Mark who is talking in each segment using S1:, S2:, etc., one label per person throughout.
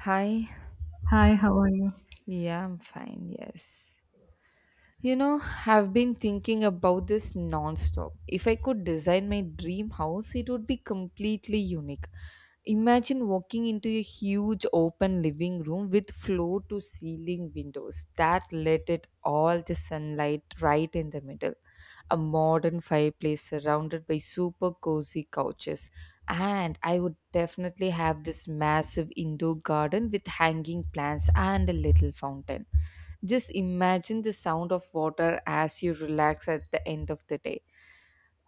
S1: Hi.
S2: Hi, how are you?
S1: Yeah, I'm fine. Yes. You know, I've been thinking about this non-stop. If I could design my dream house, it would be completely unique. Imagine walking into a huge open living room with floor to ceiling windows that let it all the sunlight right in the middle. A modern fireplace surrounded by super cozy couches. And I would definitely have this massive indoor garden with hanging plants and a little fountain just imagine the sound of water as you relax at the end of the day.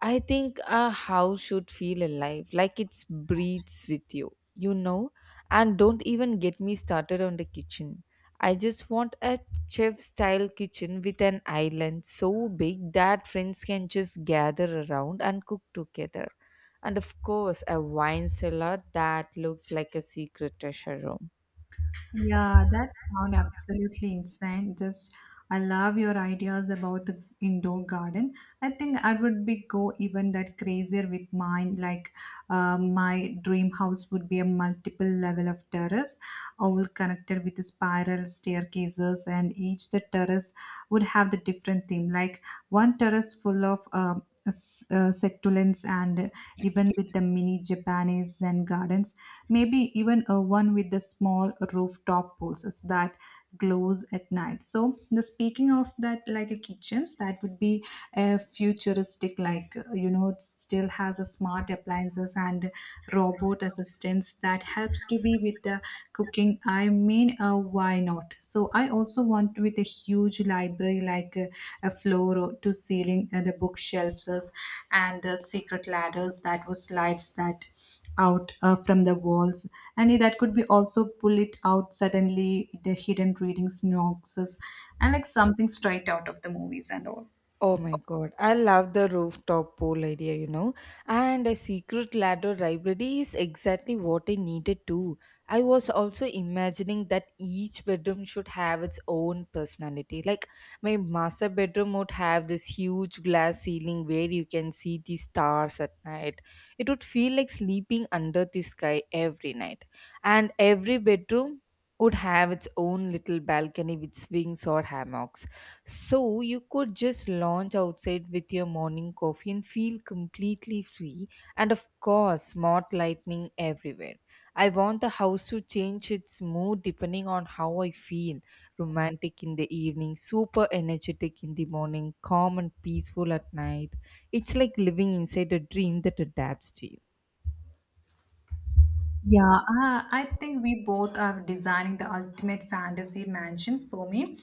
S1: I think a house should feel alive, like it breathes with you, you know? And don't even get me started on the kitchen. I just want a chef style kitchen with an island so big that friends can just gather around and cook together. And of course, a wine cellar that looks like a secret treasure room.
S2: Yeah, that sound absolutely insane. I love your ideas about the indoor garden. I think I would be go even that crazier with mine. Like, my dream house would be a multiple level of terrace, all connected with the spiral staircases, and each the terrace would have the different theme. Like one terrace full of succulents and even with the mini Japanese Zen gardens, maybe even a one with the small rooftop pulses that glows at night. So the speaking of that like a kitchens, that would be a futuristic like it still has a smart appliances and robot assistants that helps to be with the cooking. I mean, why not? So I also want with a huge library like a to ceiling the bookshelves, and the secret ladders that was slides that out from the walls, and that could be also pull it out suddenly the hidden reading nooks and like something straight out of the movies and all.
S1: Oh my god, I love the rooftop pool idea. And a secret ladder library is exactly what I needed too. I was also imagining that each bedroom should have its own personality. Like my master bedroom would have this huge glass ceiling where you can see the stars at night. It would feel like sleeping under the sky every night. And every bedroom would have its own little balcony with swings or hammocks so you could just lounge outside with your morning coffee and feel completely free. And of course, smart lightning everywhere. I want the house to change its mood depending on how I feel. Romantic in the evening, super energetic in the morning, calm and peaceful at night. It's like living inside a dream that adapts to you.
S2: Yeah, I think we both are designing the ultimate fantasy mansions. For me,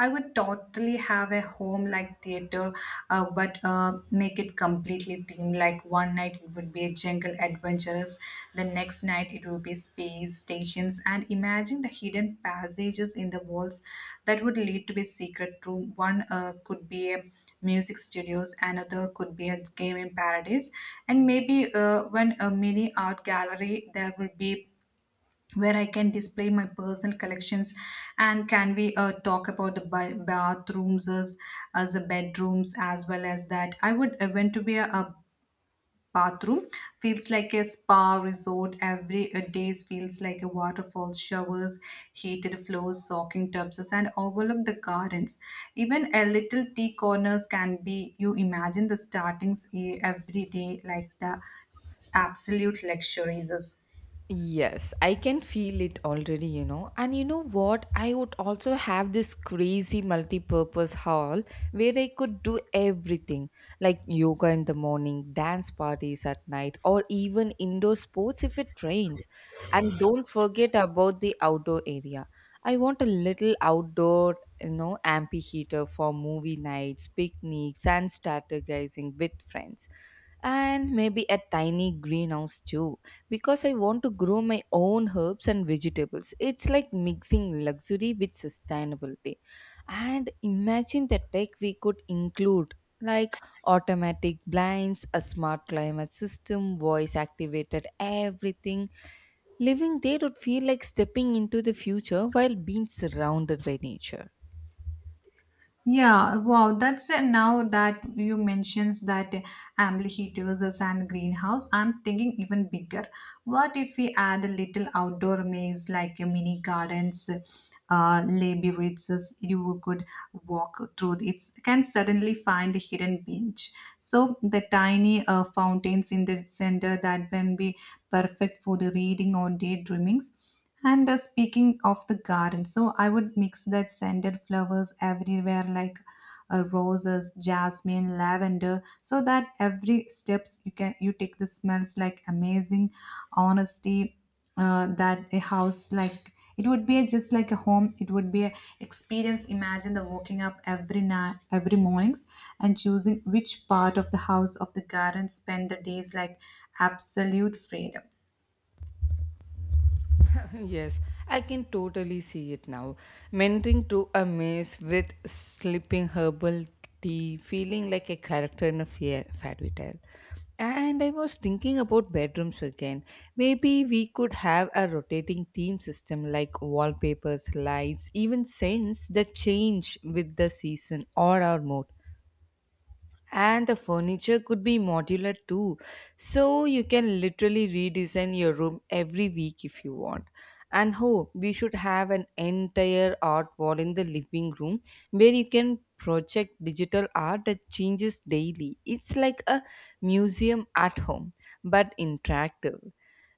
S2: I would totally have a home like theater, but make it completely themed. Like one night it would be a jungle adventurous, the next night it Ruby space stations, and imagine the hidden passages in the walls that would lead to a secret room. One could be a music studios, another could be a game in paradise, and maybe one a mini art gallery there will be where I can display my personal collections. And can we talk about the bathrooms as the bedrooms as well as that? I would want to be a bathroom feels like a spa resort every days, feels like a waterfall showers, heated floors, soaking tubs, and overlook the gardens, even a little tea corners can be you imagine the startings every day like the absolute luxuries.
S1: Yes, I can feel it already. And you know what? I would also have this crazy multi purpose hall where I could do everything like yoga in the morning, dance parties at night, or even indoor sports if it rains. And don't forget about the outdoor area. I want a little outdoor amphitheater for movie nights, picnics, and strategizing with friends. And maybe a tiny greenhouse too because I want to grow my own herbs and vegetables. It's like mixing luxury with sustainability. And imagine the tech we could include like automatic blinds, a smart climate system, voice activated everything. Living there would feel like stepping into the future while being surrounded by nature.
S2: Yeah, wow, that's it. Now that you mentions that ambly heat versus and greenhouse, I'm thinking even bigger. What if we add a little outdoor maze like a mini gardens, labyrinths you could walk through? It can suddenly find a hidden bench. So the tiny fountains in the center that can be perfect for the reading or daydreamings. And speaking of the garden, so I would mix that scented flowers everywhere, like roses, jasmine, lavender, so that every steps you can you take the smells like amazing honesty. That a house like it would be just like a home. It would be a experience. Imagine the waking up every night, every mornings, and choosing which part of the house of the garden spend the days like absolute freedom.
S1: Yes, I can totally see it now. Meandering through a maze with slipping herbal tea, feeling like a character in a fairy tale. And I was thinking about bedrooms again. Maybe we could have a rotating theme system like wallpapers, lights, even scents that change with the season or our mood, and the furniture could be modular too, so you can literally redesign your room every week if you want. And oh, we should have an entire art wall in the living room where you can project digital art that changes daily. It's like a museum at home, but interactive.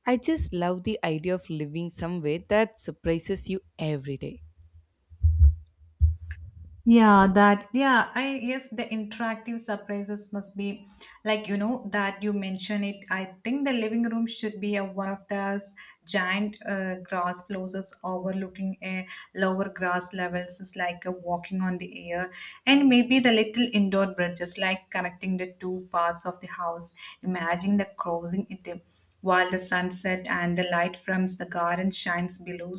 S1: I just love the idea of living somewhere that surprises you every day.
S2: Yeah, that, yeah, I yes, the interactive surprises must be like, you know, that you mention it. I think the living room should be one of those giant grass floors overlooking a lower grass levels is like a walking on the air, and maybe the little indoor bridges like connecting the two parts of the house. Imagine the crossing it while the sunset and the light from the garden shines below.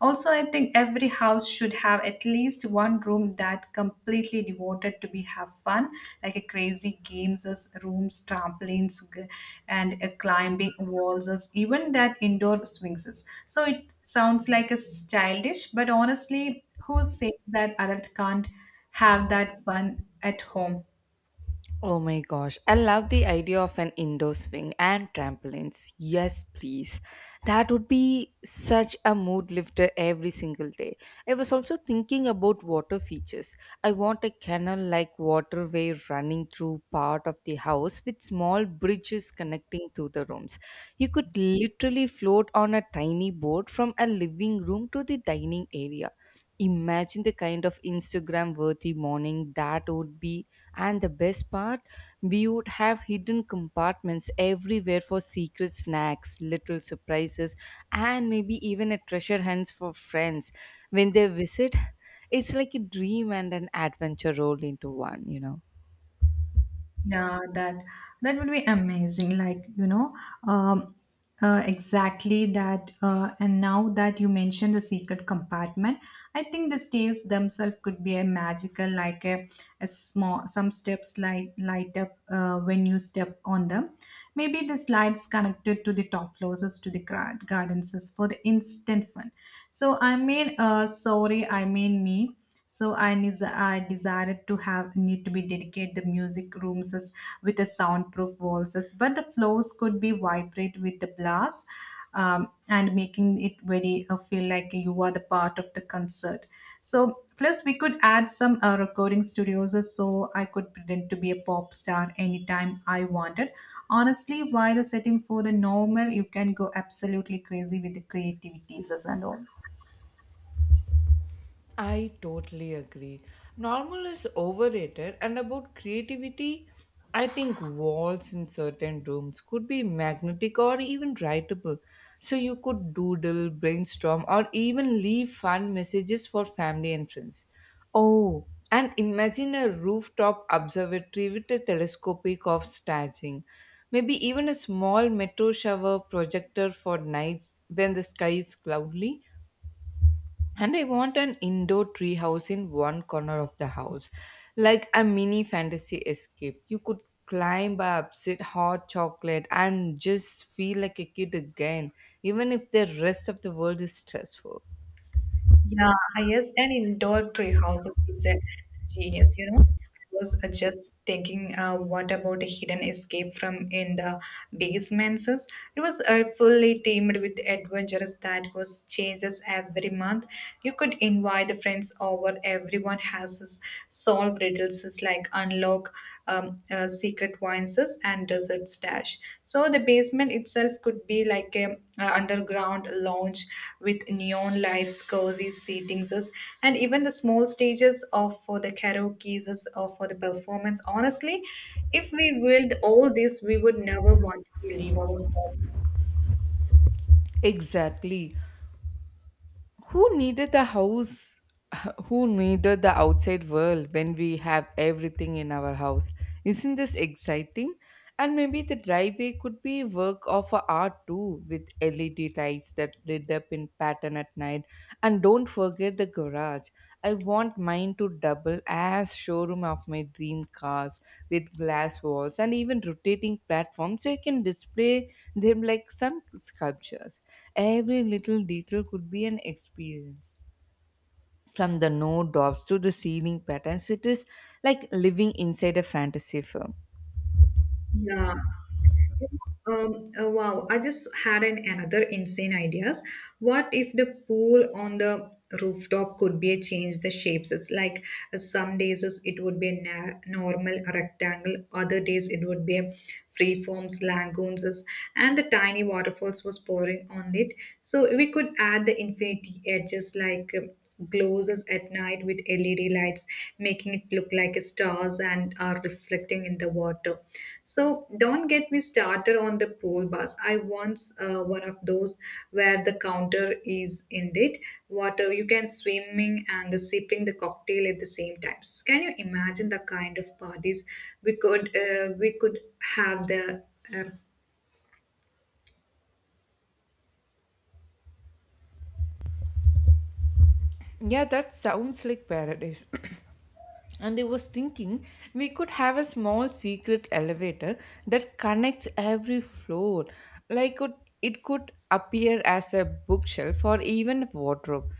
S2: Also, I think every house should have at least one room that completely devoted to be have fun, like a crazy games as rooms, trampolines, and a climbing walls as even that indoor swings as. So it sounds like a childish, but honestly, who says that adult can't have that fun at home?
S1: Oh my gosh, I love the idea of an indoor swing and trampolines. Yes, please. That would be such a mood lifter every single day. I was also thinking about water features. I want a canal like waterway running through part of the house with small bridges connecting to the rooms. You could literally float on a tiny boat from a living room to the dining area. Imagine the kind of Instagram worthy morning that would be, and the best part, we would have hidden compartments everywhere for secret snacks, little surprises, and maybe even a treasure hunt for friends. When they visit, it's like a dream and an adventure rolled into one.
S2: Yeah, that would be amazing. Like, you know, um, exactly that. And now that you mentioned the secret compartment, I think the stairs themselves could be a magical, a small, some steps light up when you step on them. Maybe the slides connected to the top floors is to the gardens is for the instant fun. Sorry, I mean me. So I I desired to have need to be dedicate the music rooms as with the soundproof walls, but the floors could be vibrate with the blast, and making it very feel like you are the part of the concert. So plus we could add some recording studios, as so I could pretend to be a pop star anytime I wanted. Honestly, while the setting for the normal, you can go absolutely crazy with the creativities as and all.
S1: I totally agree. Normal is overrated, and about creativity, I think walls in certain rooms could be magnetic or even writable. So you could doodle, brainstorm, or even leave fun messages for family and friends. Oh, and imagine a rooftop observatory with a telescopic of staging. Maybe even a small metro shower projector for nights when the sky is cloudy, and I want an indoor tree house in one corner of the house, like a mini fantasy escape. You could climb up, sit hot chocolate, and just feel like a kid again, even if the rest of the world is stressful.
S2: Yeah, I yes, and indoor tree houses is a genius, you know. I was just thinking, what about a hidden escape from in the basements? It was fully themed with adventures that was changes every month. You could invite friends over. Everyone has solved riddles like unlock secret voices and desert stash. So the basement itself could be like a underground lounge with neon lights, cozy seatings, and even the small stages of for the karaoke or for the performance. Honestly, if we willed all this, we would never want to leave our home.
S1: Exactly. Who needed the house? Who needed the outside world when we have everything in our house? Isn't this exciting? And maybe the driveway could be work of a art too, with LED lights that lit up in pattern at night. And don't forget the garage. I want mine to double as showroom of my dream cars with glass walls and even rotating platforms so you can display them like some sculptures. Every little detail could be an experience. From the no dops to the ceiling patterns, it is like living inside a fantasy film.
S2: Yeah. Wow, I just had an another insane ideas. What if the pool on the rooftop could be a change the shapes? It's like some days it would be a normal rectangle, other days it would be a free forms, lagoons, and the tiny waterfalls was pouring on it. So we could add the infinity edges like. Glows at night with LED lights, making it look like stars and are reflecting in the water. So don't get me started on the pool bus. I once one of those where the counter is in it water. You can swimming and the sipping the cocktail at the same times. Can you imagine the kind of parties we could have the uh,
S1: Yeah, that sounds like paradise. And I was thinking we could have a small secret elevator that connects every floor. Like it could appear as a bookshelf or even wardrobe.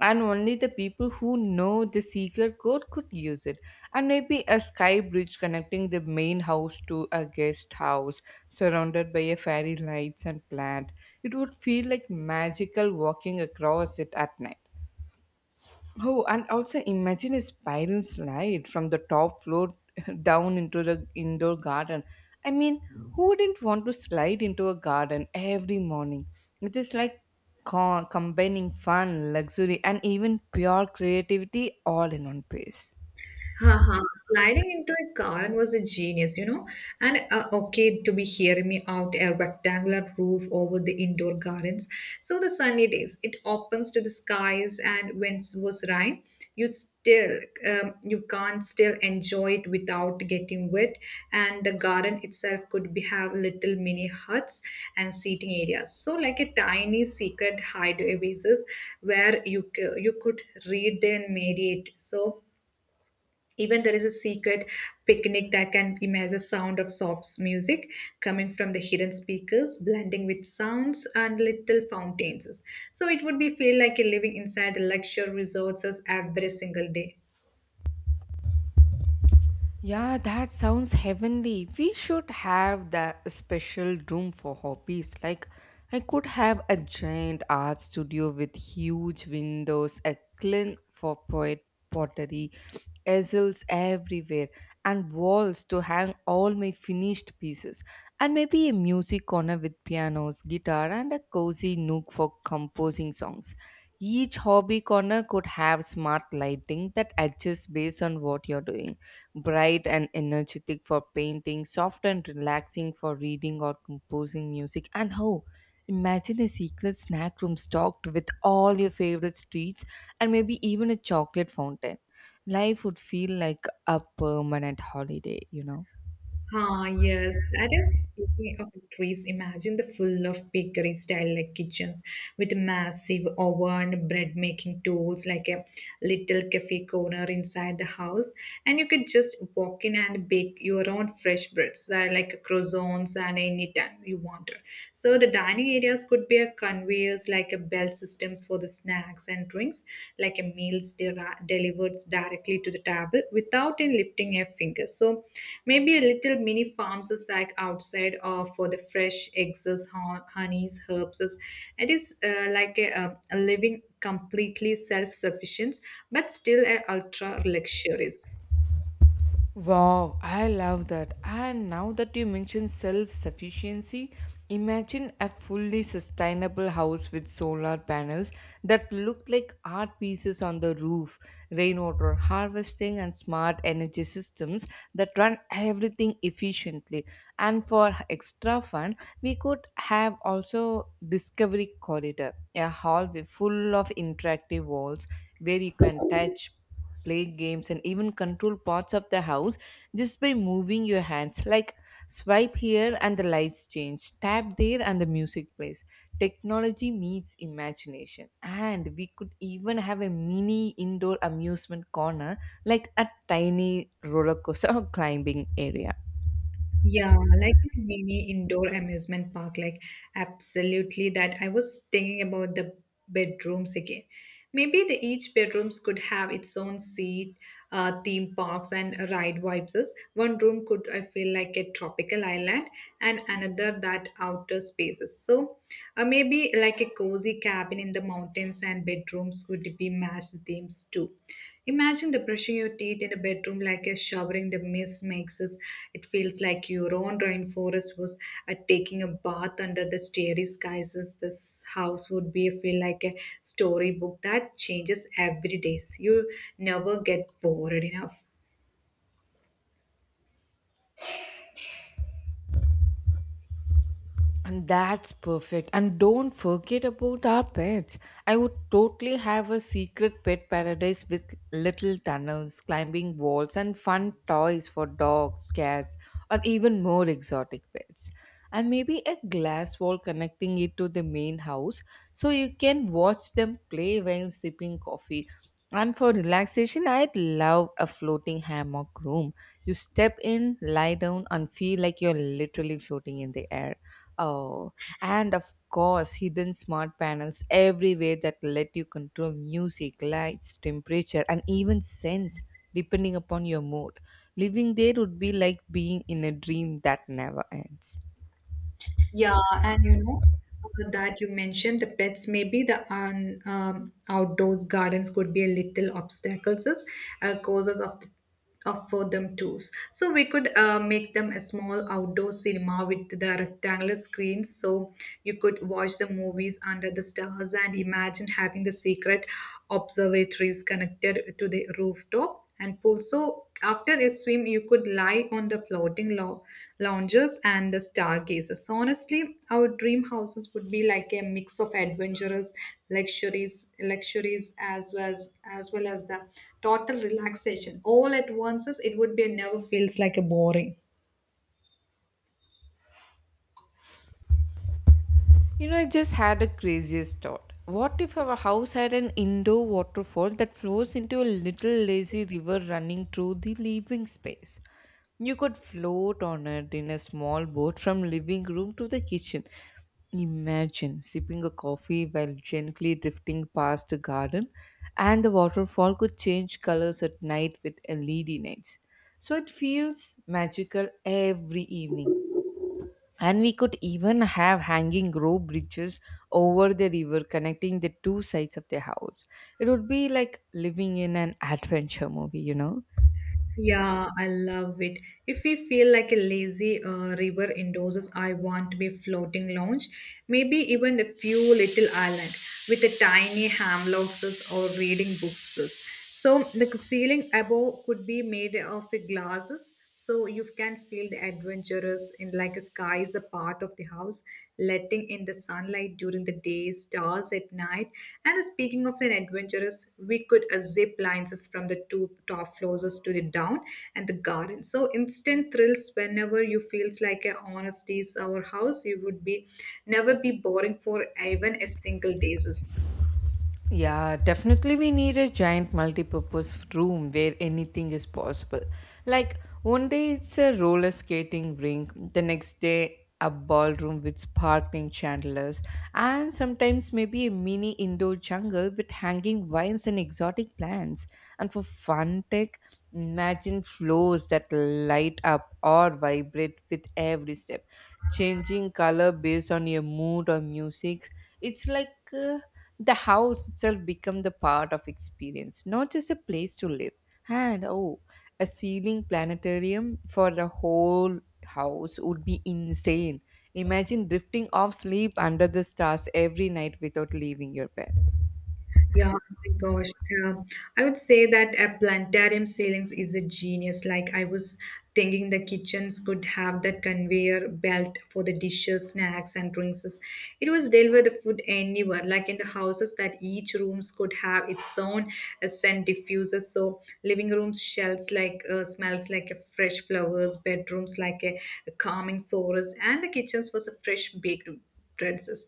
S1: And only the people who know the secret code could use it. And maybe a sky bridge connecting the main house to a guest house surrounded by a fairy lights and plant. It would feel like magical walking across it at night. Oh, and also imagine a spiral slide from the top floor down into the indoor garden. I mean, who wouldn't want to slide into a garden every morning? It is like combining fun, luxury, and even pure creativity all in one place.
S2: Haha, sliding into a garden was a genius, you know. And okay, to be hearing me out, a rectangular roof over the indoor gardens. So the sunny days, it opens to the skies, and when it was rain, you still you can't still enjoy it without getting wet. And the garden itself could be have little mini huts and seating areas. So like a tiny secret hideaway basis where you could read and meditate. So even there is a secret picnic that can imagine the sound of soft music coming from the hidden speakers, blending with sounds and little fountains. So it would be feel like you're living inside the luxury resorts every single day.
S1: Yeah, that sounds heavenly. We should have the special room for hobbies. Like I could have a giant art studio with huge windows, a kiln for poet pottery, easels everywhere, and walls to hang all my finished pieces, and maybe a music corner with pianos, guitar, and a cozy nook for composing songs. Each hobby corner could have smart lighting that adjusts based on what you're doing, bright and energetic for painting, soft and relaxing for reading or composing music. And how? Imagine a secret snack room stocked with all your favorite treats and maybe even a chocolate fountain. Life would feel like a permanent holiday.
S2: Ah, yes. That is speaking of trees. Imagine the full of bakery style like kitchens with massive oven, bread making tools, like a little cafe corner inside the house. And you could just walk in and bake your own fresh breads, like croissants and anytime time you wanted. So the dining areas could be a conveyors, like a belt systems for the snacks and drinks, like a meals delivered directly to the table without in lifting a finger. So maybe a little mini farm sack outside or for the fresh eggs, honeys, herbs. It is like a living completely self-sufficient but still a ultra luxurious.
S1: Wow, I love that. And now that you mention self sufficiency, imagine a fully sustainable house with solar panels that look like art pieces on the roof, rainwater harvesting, and smart energy systems that run everything efficiently. And for extra fun, we could have also Discovery Corridor, a hallway full of interactive walls where you can touch, play games, and even control parts of the house just by moving your hands. Like swipe here and the lights change, tap there and the music plays. Technology meets imagination, and we could even have a mini indoor amusement corner like a tiny roller coaster or climbing area.
S2: Yeah, like a mini indoor amusement park, like absolutely that. I was thinking about the bedrooms again. Maybe the each bedrooms could have its own seat, theme parks and ride vibes. One room could I feel like a tropical island, and another that outer spaces. So, maybe like a cozy cabin in the mountains and bedrooms could be matched themes too. Imagine the brushing your teeth in a bedroom like a showering the mist makes us. It feels like your own rainforest was taking a bath under the starry skies. This house would be feel like a storybook that changes every day. You never get bored enough.
S1: And that's perfect. And don't forget about our pets. I would totally have a secret pet paradise with little tunnels, climbing walls, and fun toys for dogs, cats, or even more exotic pets. And maybe a glass wall connecting it to the main house so you can watch them play while sipping coffee. And for relaxation, I'd love a floating hammock room. You step in, lie down, and feel like you're literally floating in the air. Oh, and of course, hidden smart panels everywhere that let you control music, lights, temperature, and even scents depending upon your mood. Living there would be like being in a dream that never ends.
S2: Yeah, and you know that you mentioned the pets. Maybe the outdoors gardens could be a little obstacles, as, causes of the, of for them too. So we could make them a small outdoor cinema with the rectangular screens, so you could watch the movies under the stars and imagine having the secret observatories connected to the rooftop and pool. So after a swim, you could lie on the floating lounges and the stargazers. So honestly, our dream houses would be like a mix of adventurous luxuries, luxuries as well as the total relaxation all at once. It would be never feels like a boring.
S1: You know, I just had the craziest thought. What if our house had an indoor waterfall that flows into a little lazy river running through the living space? You could float on it in a small boat from living room to the kitchen. Imagine sipping a coffee while gently drifting past the garden, and the waterfall could change colors at night with LED lights. So it feels magical every evening. And we could even have hanging rope bridges over the river connecting the two sides of the house. It would be like living in an adventure movie, you know?
S2: Yeah, I love it. If we feel like a lazy river indoses, I want to be floating lounge, maybe even a few little island with a tiny hammocks or reading books. So the ceiling above could be made of glasses so you can feel the adventurous in like a sky is a part of the house, letting in the sunlight during the day, stars at night. And speaking of an adventurous, we could zip lines is from the two top floors to the down and the garden. So instant thrills whenever you feels like a honesty is our house, you would be never be boring for even a single days.
S1: Yeah, definitely we need a giant multi-purpose room where anything is possible. Like one day it's a roller skating rink, the next day a ballroom with sparkling chandeliers, and sometimes maybe a mini indoor jungle with hanging vines and exotic plants. And for fun tech, imagine floors that light up or vibrate with every step, changing color based on your mood or music. It's like uh, the house itself become the part of experience, not just a place to live. And oh, a ceiling planetarium for the whole house would be insane. Imagine drifting off sleep under the stars every night without leaving your bed.
S2: Yeah, oh my gosh. Um, I would say that a planetarium ceilings is a genius. Like I was thinking the kitchens could have that conveyor belt for the dishes, snacks, and drinks. It was deliver the food anywhere, like in the houses that each rooms could have its own scent diffuser. So living rooms smells like smells like a fresh flowers, bedrooms like a calming forest, and the kitchens was a fresh baked terraces.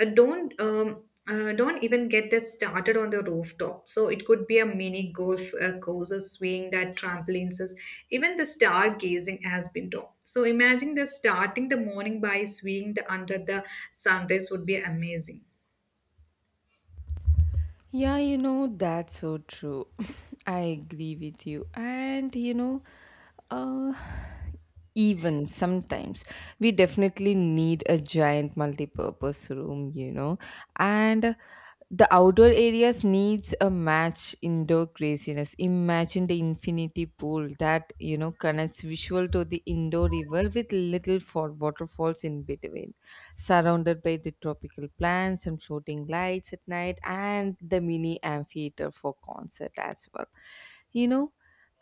S2: Don't even get this started on the rooftop. So it could be a mini golf courses, swing that trampolines, even the stargazing has been done. So imagine the starting the morning by swinging the under the sunrise would be amazing.
S1: Yeah, that's so true. I agree with you. And uh even sometimes we definitely need a giant multi-purpose room, you know, and the outdoor areas needs a match indoor craziness. Imagine the infinity pool that, you know, connects visual to the indoor river with little for waterfalls in between, surrounded by the tropical plants and floating lights at night, and the mini amphitheater for concert as well, you know.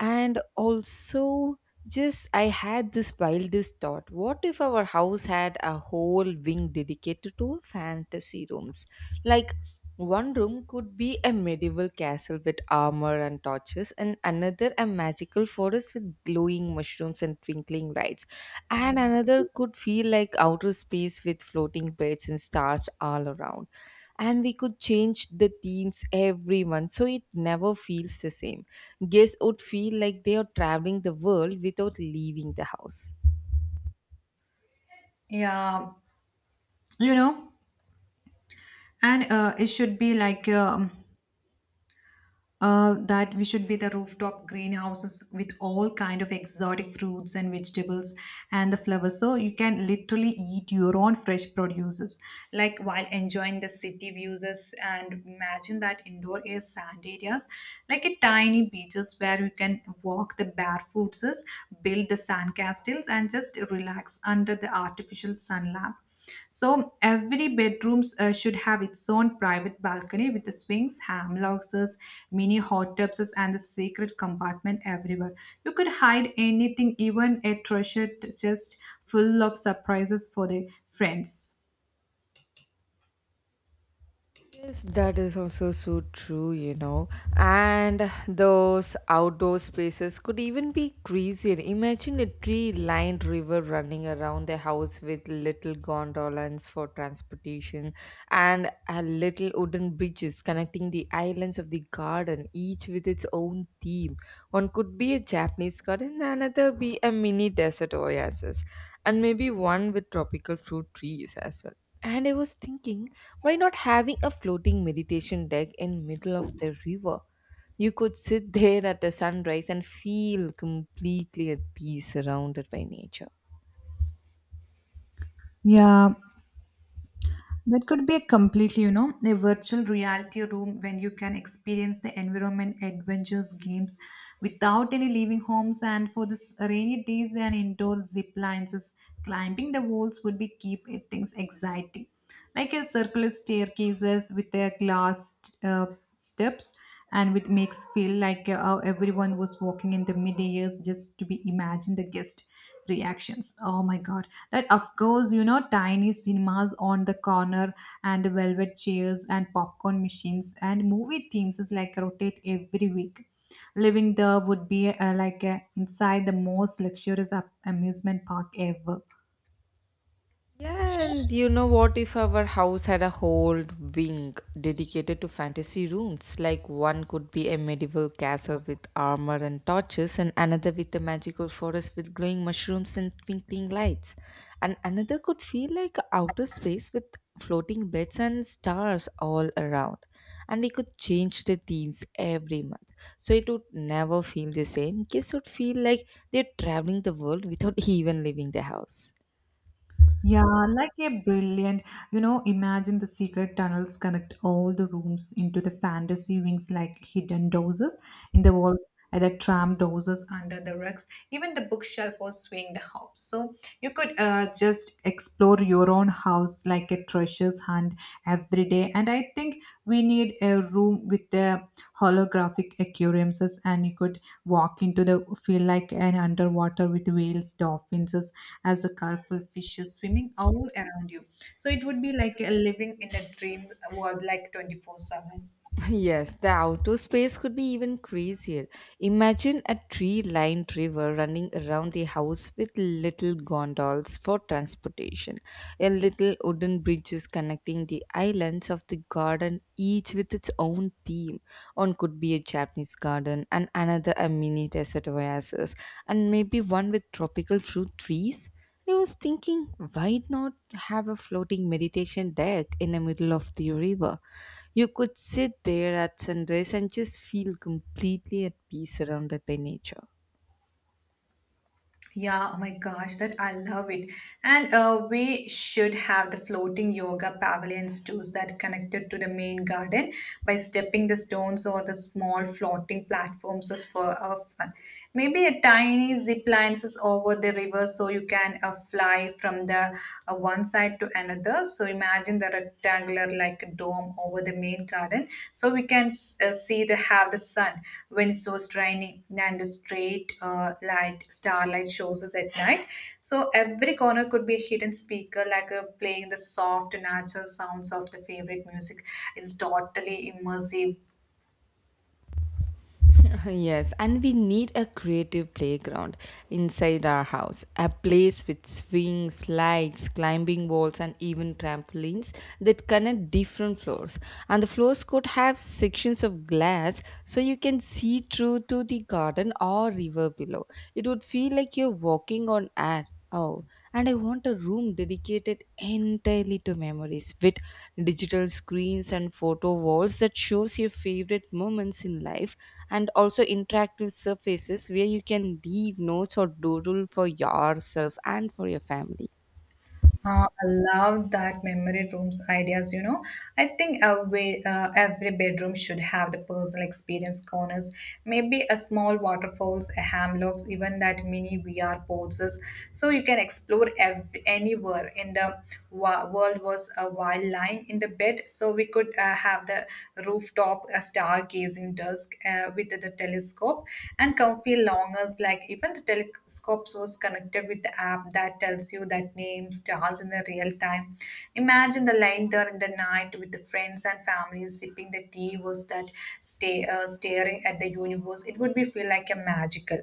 S1: And also I had this wildest thought. What if our house had a whole wing dedicated to fantasy rooms? Like, one room could be a medieval castle with armor and torches, and another a magical forest with glowing mushrooms and twinkling lights, and another could feel like outer space with floating beds and stars all around. And we could change the themes every month so it never feels the same. Guests would feel like they are traveling the world without leaving the house.
S2: No, and it should be like that we should be the rooftop greenhouses with all kind of exotic fruits and vegetables and the flowers so you can literally eat your own fresh produces like while enjoying the city views and imagine that indoor air sand areas like a tiny beaches where you can walk the barefoots build the sand castles and just relax under the artificial sun lamp so every bedrooms should have its own private balcony with the swings, hamlocks, mini hot tubs, and the secret compartment everywhere. You could hide anything, even a treasure chest full of surprises for the friends.
S1: Yes, that is also so true, you know. And those outdoor spaces could even be crazier. Imagine a tree lined river running around the house with little gondolas for transportation, and a little wooden bridges connecting the islands of the garden, each with its own theme. One could be a Japanese garden, another be a mini desert oasis, and maybe one with tropical fruit trees as well. And I was thinking, why not having a floating meditation deck in middle of the river? You could sit there at the sunrise and feel completely at peace surrounded by nature.
S2: Yeah, that could be a completely, you know, a virtual reality room when you can experience the environment, adventures, games without any leaving homes. And for this rainy days and indoor zip lines, is climbing the walls would be keep it things exciting, like a circular staircases with their glass uh, steps, and which makes feel like everyone was walking in the mid years just to be imagine the guest reactions. Oh my god. That of course, you know, tiny cinemas on the corner and velvet chairs and popcorn machines and movie themes is like rotate every week. Living there would be like inside the most luxurious amusement park ever.
S1: Yeah, and you know what? If our house had a whole wing dedicated to fantasy rooms, like one could be a medieval castle with armor and torches, and another with a magical forest with glowing mushrooms and twinkling lights, and another could feel like outer space with floating beds and stars all around. And we could change the themes every month, so it would never feel the same. Kids would feel like they're traveling the world without even leaving the house.
S2: Yeah, like a brilliant, you know, imagine the secret tunnels connect all the rooms into the fantasy wings like hidden doors in the walls, and the tram doors under the rugs. Even the bookshelf was swing the house. So you could just explore your own house like a treasure's hunt and every day and I think we need a room with the holographic aquariums and you could walk into the feel like an underwater with whales dolphins as a colorful fishes swimming all around you so it would be like a living in a dream world like 24/7.
S1: Yes, the outdoor space could be even crazier. Imagine a tree lined river running around the house with little gondolas for transportation, a little wooden bridges connecting the islands of the garden, each with its own theme. One could be a Japanese garden, and another a mini desert oasis, and maybe one with tropical fruit trees. I was thinking, why not have a floating meditation deck in the middle of the river? You could sit there at sunrise and just feel completely at peace surrounded by nature.
S2: Yeah, oh my gosh, that I love it. And we should have the floating yoga pavilions too that connected to the main garden by stepping the stones or the small floating platforms is for fun. Maybe a tiny zip lines is over the river so you can fly from the one side to another together. So imagine the rectangular like dome over the main garden. So we can see the have the sun when it was raining and the straight light starlight shows us at night. So every corner could be a hidden speaker like playing the soft natural sounds of the favorite music. It's totally immersive.
S1: Yes, and we need a creative playground inside our house. A place with swings, slides, climbing walls, and even trampolines that connect different floors. And the floors could have sections of glass so you can see through to the garden or river below. It would feel like you're walking on air. Oh, and I want a room dedicated entirely to memories, with digital screens and photo walls that shows your favorite moments in life, and also interactive surfaces where you can leave notes or doodle for yourself and for your family.
S2: I love that memory rooms ideas, you know. I think every bedroom should have the personal experience corners, maybe a small waterfalls, a hammocks, even that mini VR poses. So you can explore anywhere in the world was a while lying in the bed. So we could have the rooftop stargazing dusk with the telescope and comfy longers like even the telescope was connected with the app that tells you that name stars in the real time imagine the line there in the night with the friends and family sipping the tea was that stay staring at the universe it would be feel like a magical.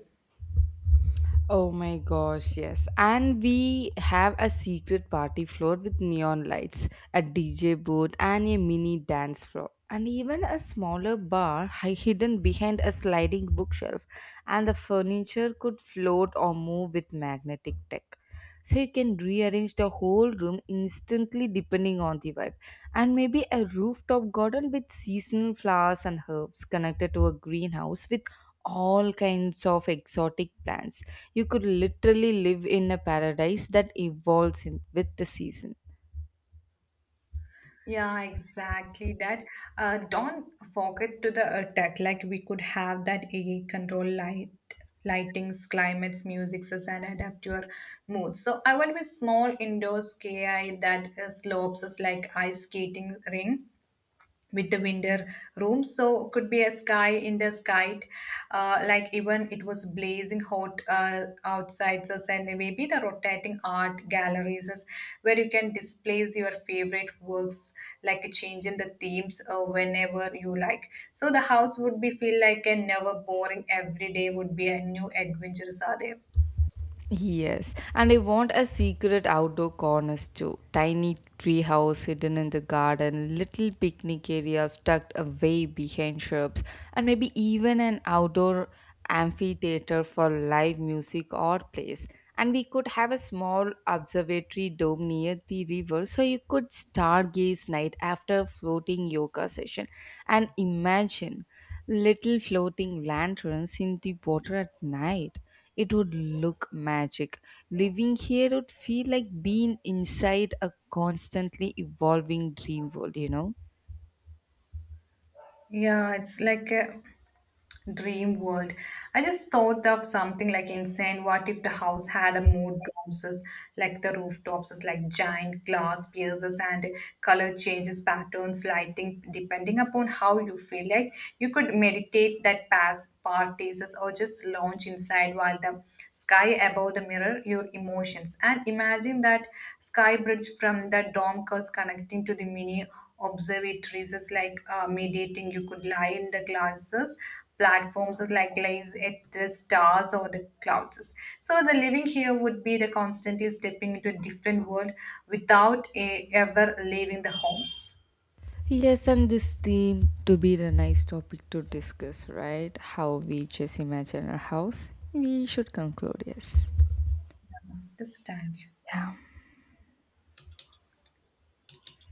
S1: Oh my gosh, yes. And we have a secret party floor with neon lights, a DJ booth, and a mini dance floor. And even a smaller bar hidden behind a sliding bookshelf, and the furniture could float or move with magnetic tech. So you can rearrange the whole room instantly depending on the vibe. And maybe a rooftop garden with seasonal flowers and herbs connected to a greenhouse with all kinds of exotic plants. You could literally live in a paradise that evolves in, with the season.
S2: Yeah, exactly that. Don't forget to the attack. Like we could have that AI control light, lightings, climates, musics, and adapt your mood. So I will be small indoor ski that slopes is like ice skating ring with the window room so could be a sky in the sky like even it was blazing hot outside so and maybe the rotating art galleries is where you can displays your favorite works like a change in the themes whenever you like so the house would be feel like a never boring every day would be a new adventures are there
S1: Yes, and I want a secret outdoor corners too. Tiny tree house hidden in the garden, little picnic areas tucked away behind shrubs, and maybe even an outdoor amphitheater for live music or plays. And we could have a small observatory dome near the river so you could stargaze night after floating yoga session. And imagine little floating lanterns in the water at night. It would look magic. Living here would feel like being inside a constantly evolving dream world, you know?
S2: yeah it's like a dream world. I just thought of something like insane. What if the house had a mood domes, is like the rooftops, is like giant glass pieces and color changes, patterns, lighting, depending upon how you feel. Like you could meditate that pass parties is, or just lounge inside while the sky above the mirror your emotions and imagine that sky bridge from the dome curse connecting to the mini observatories is like mediating you could lie in the glasses platforms is like lies at the stars or the clouds so the living here would be the constantly stepping into a different world without ever leaving the homes
S1: Yes, and this theme to be a nice topic to discuss, right? How we just imagine our house. We should conclude, yes.
S2: this time
S1: Yeah.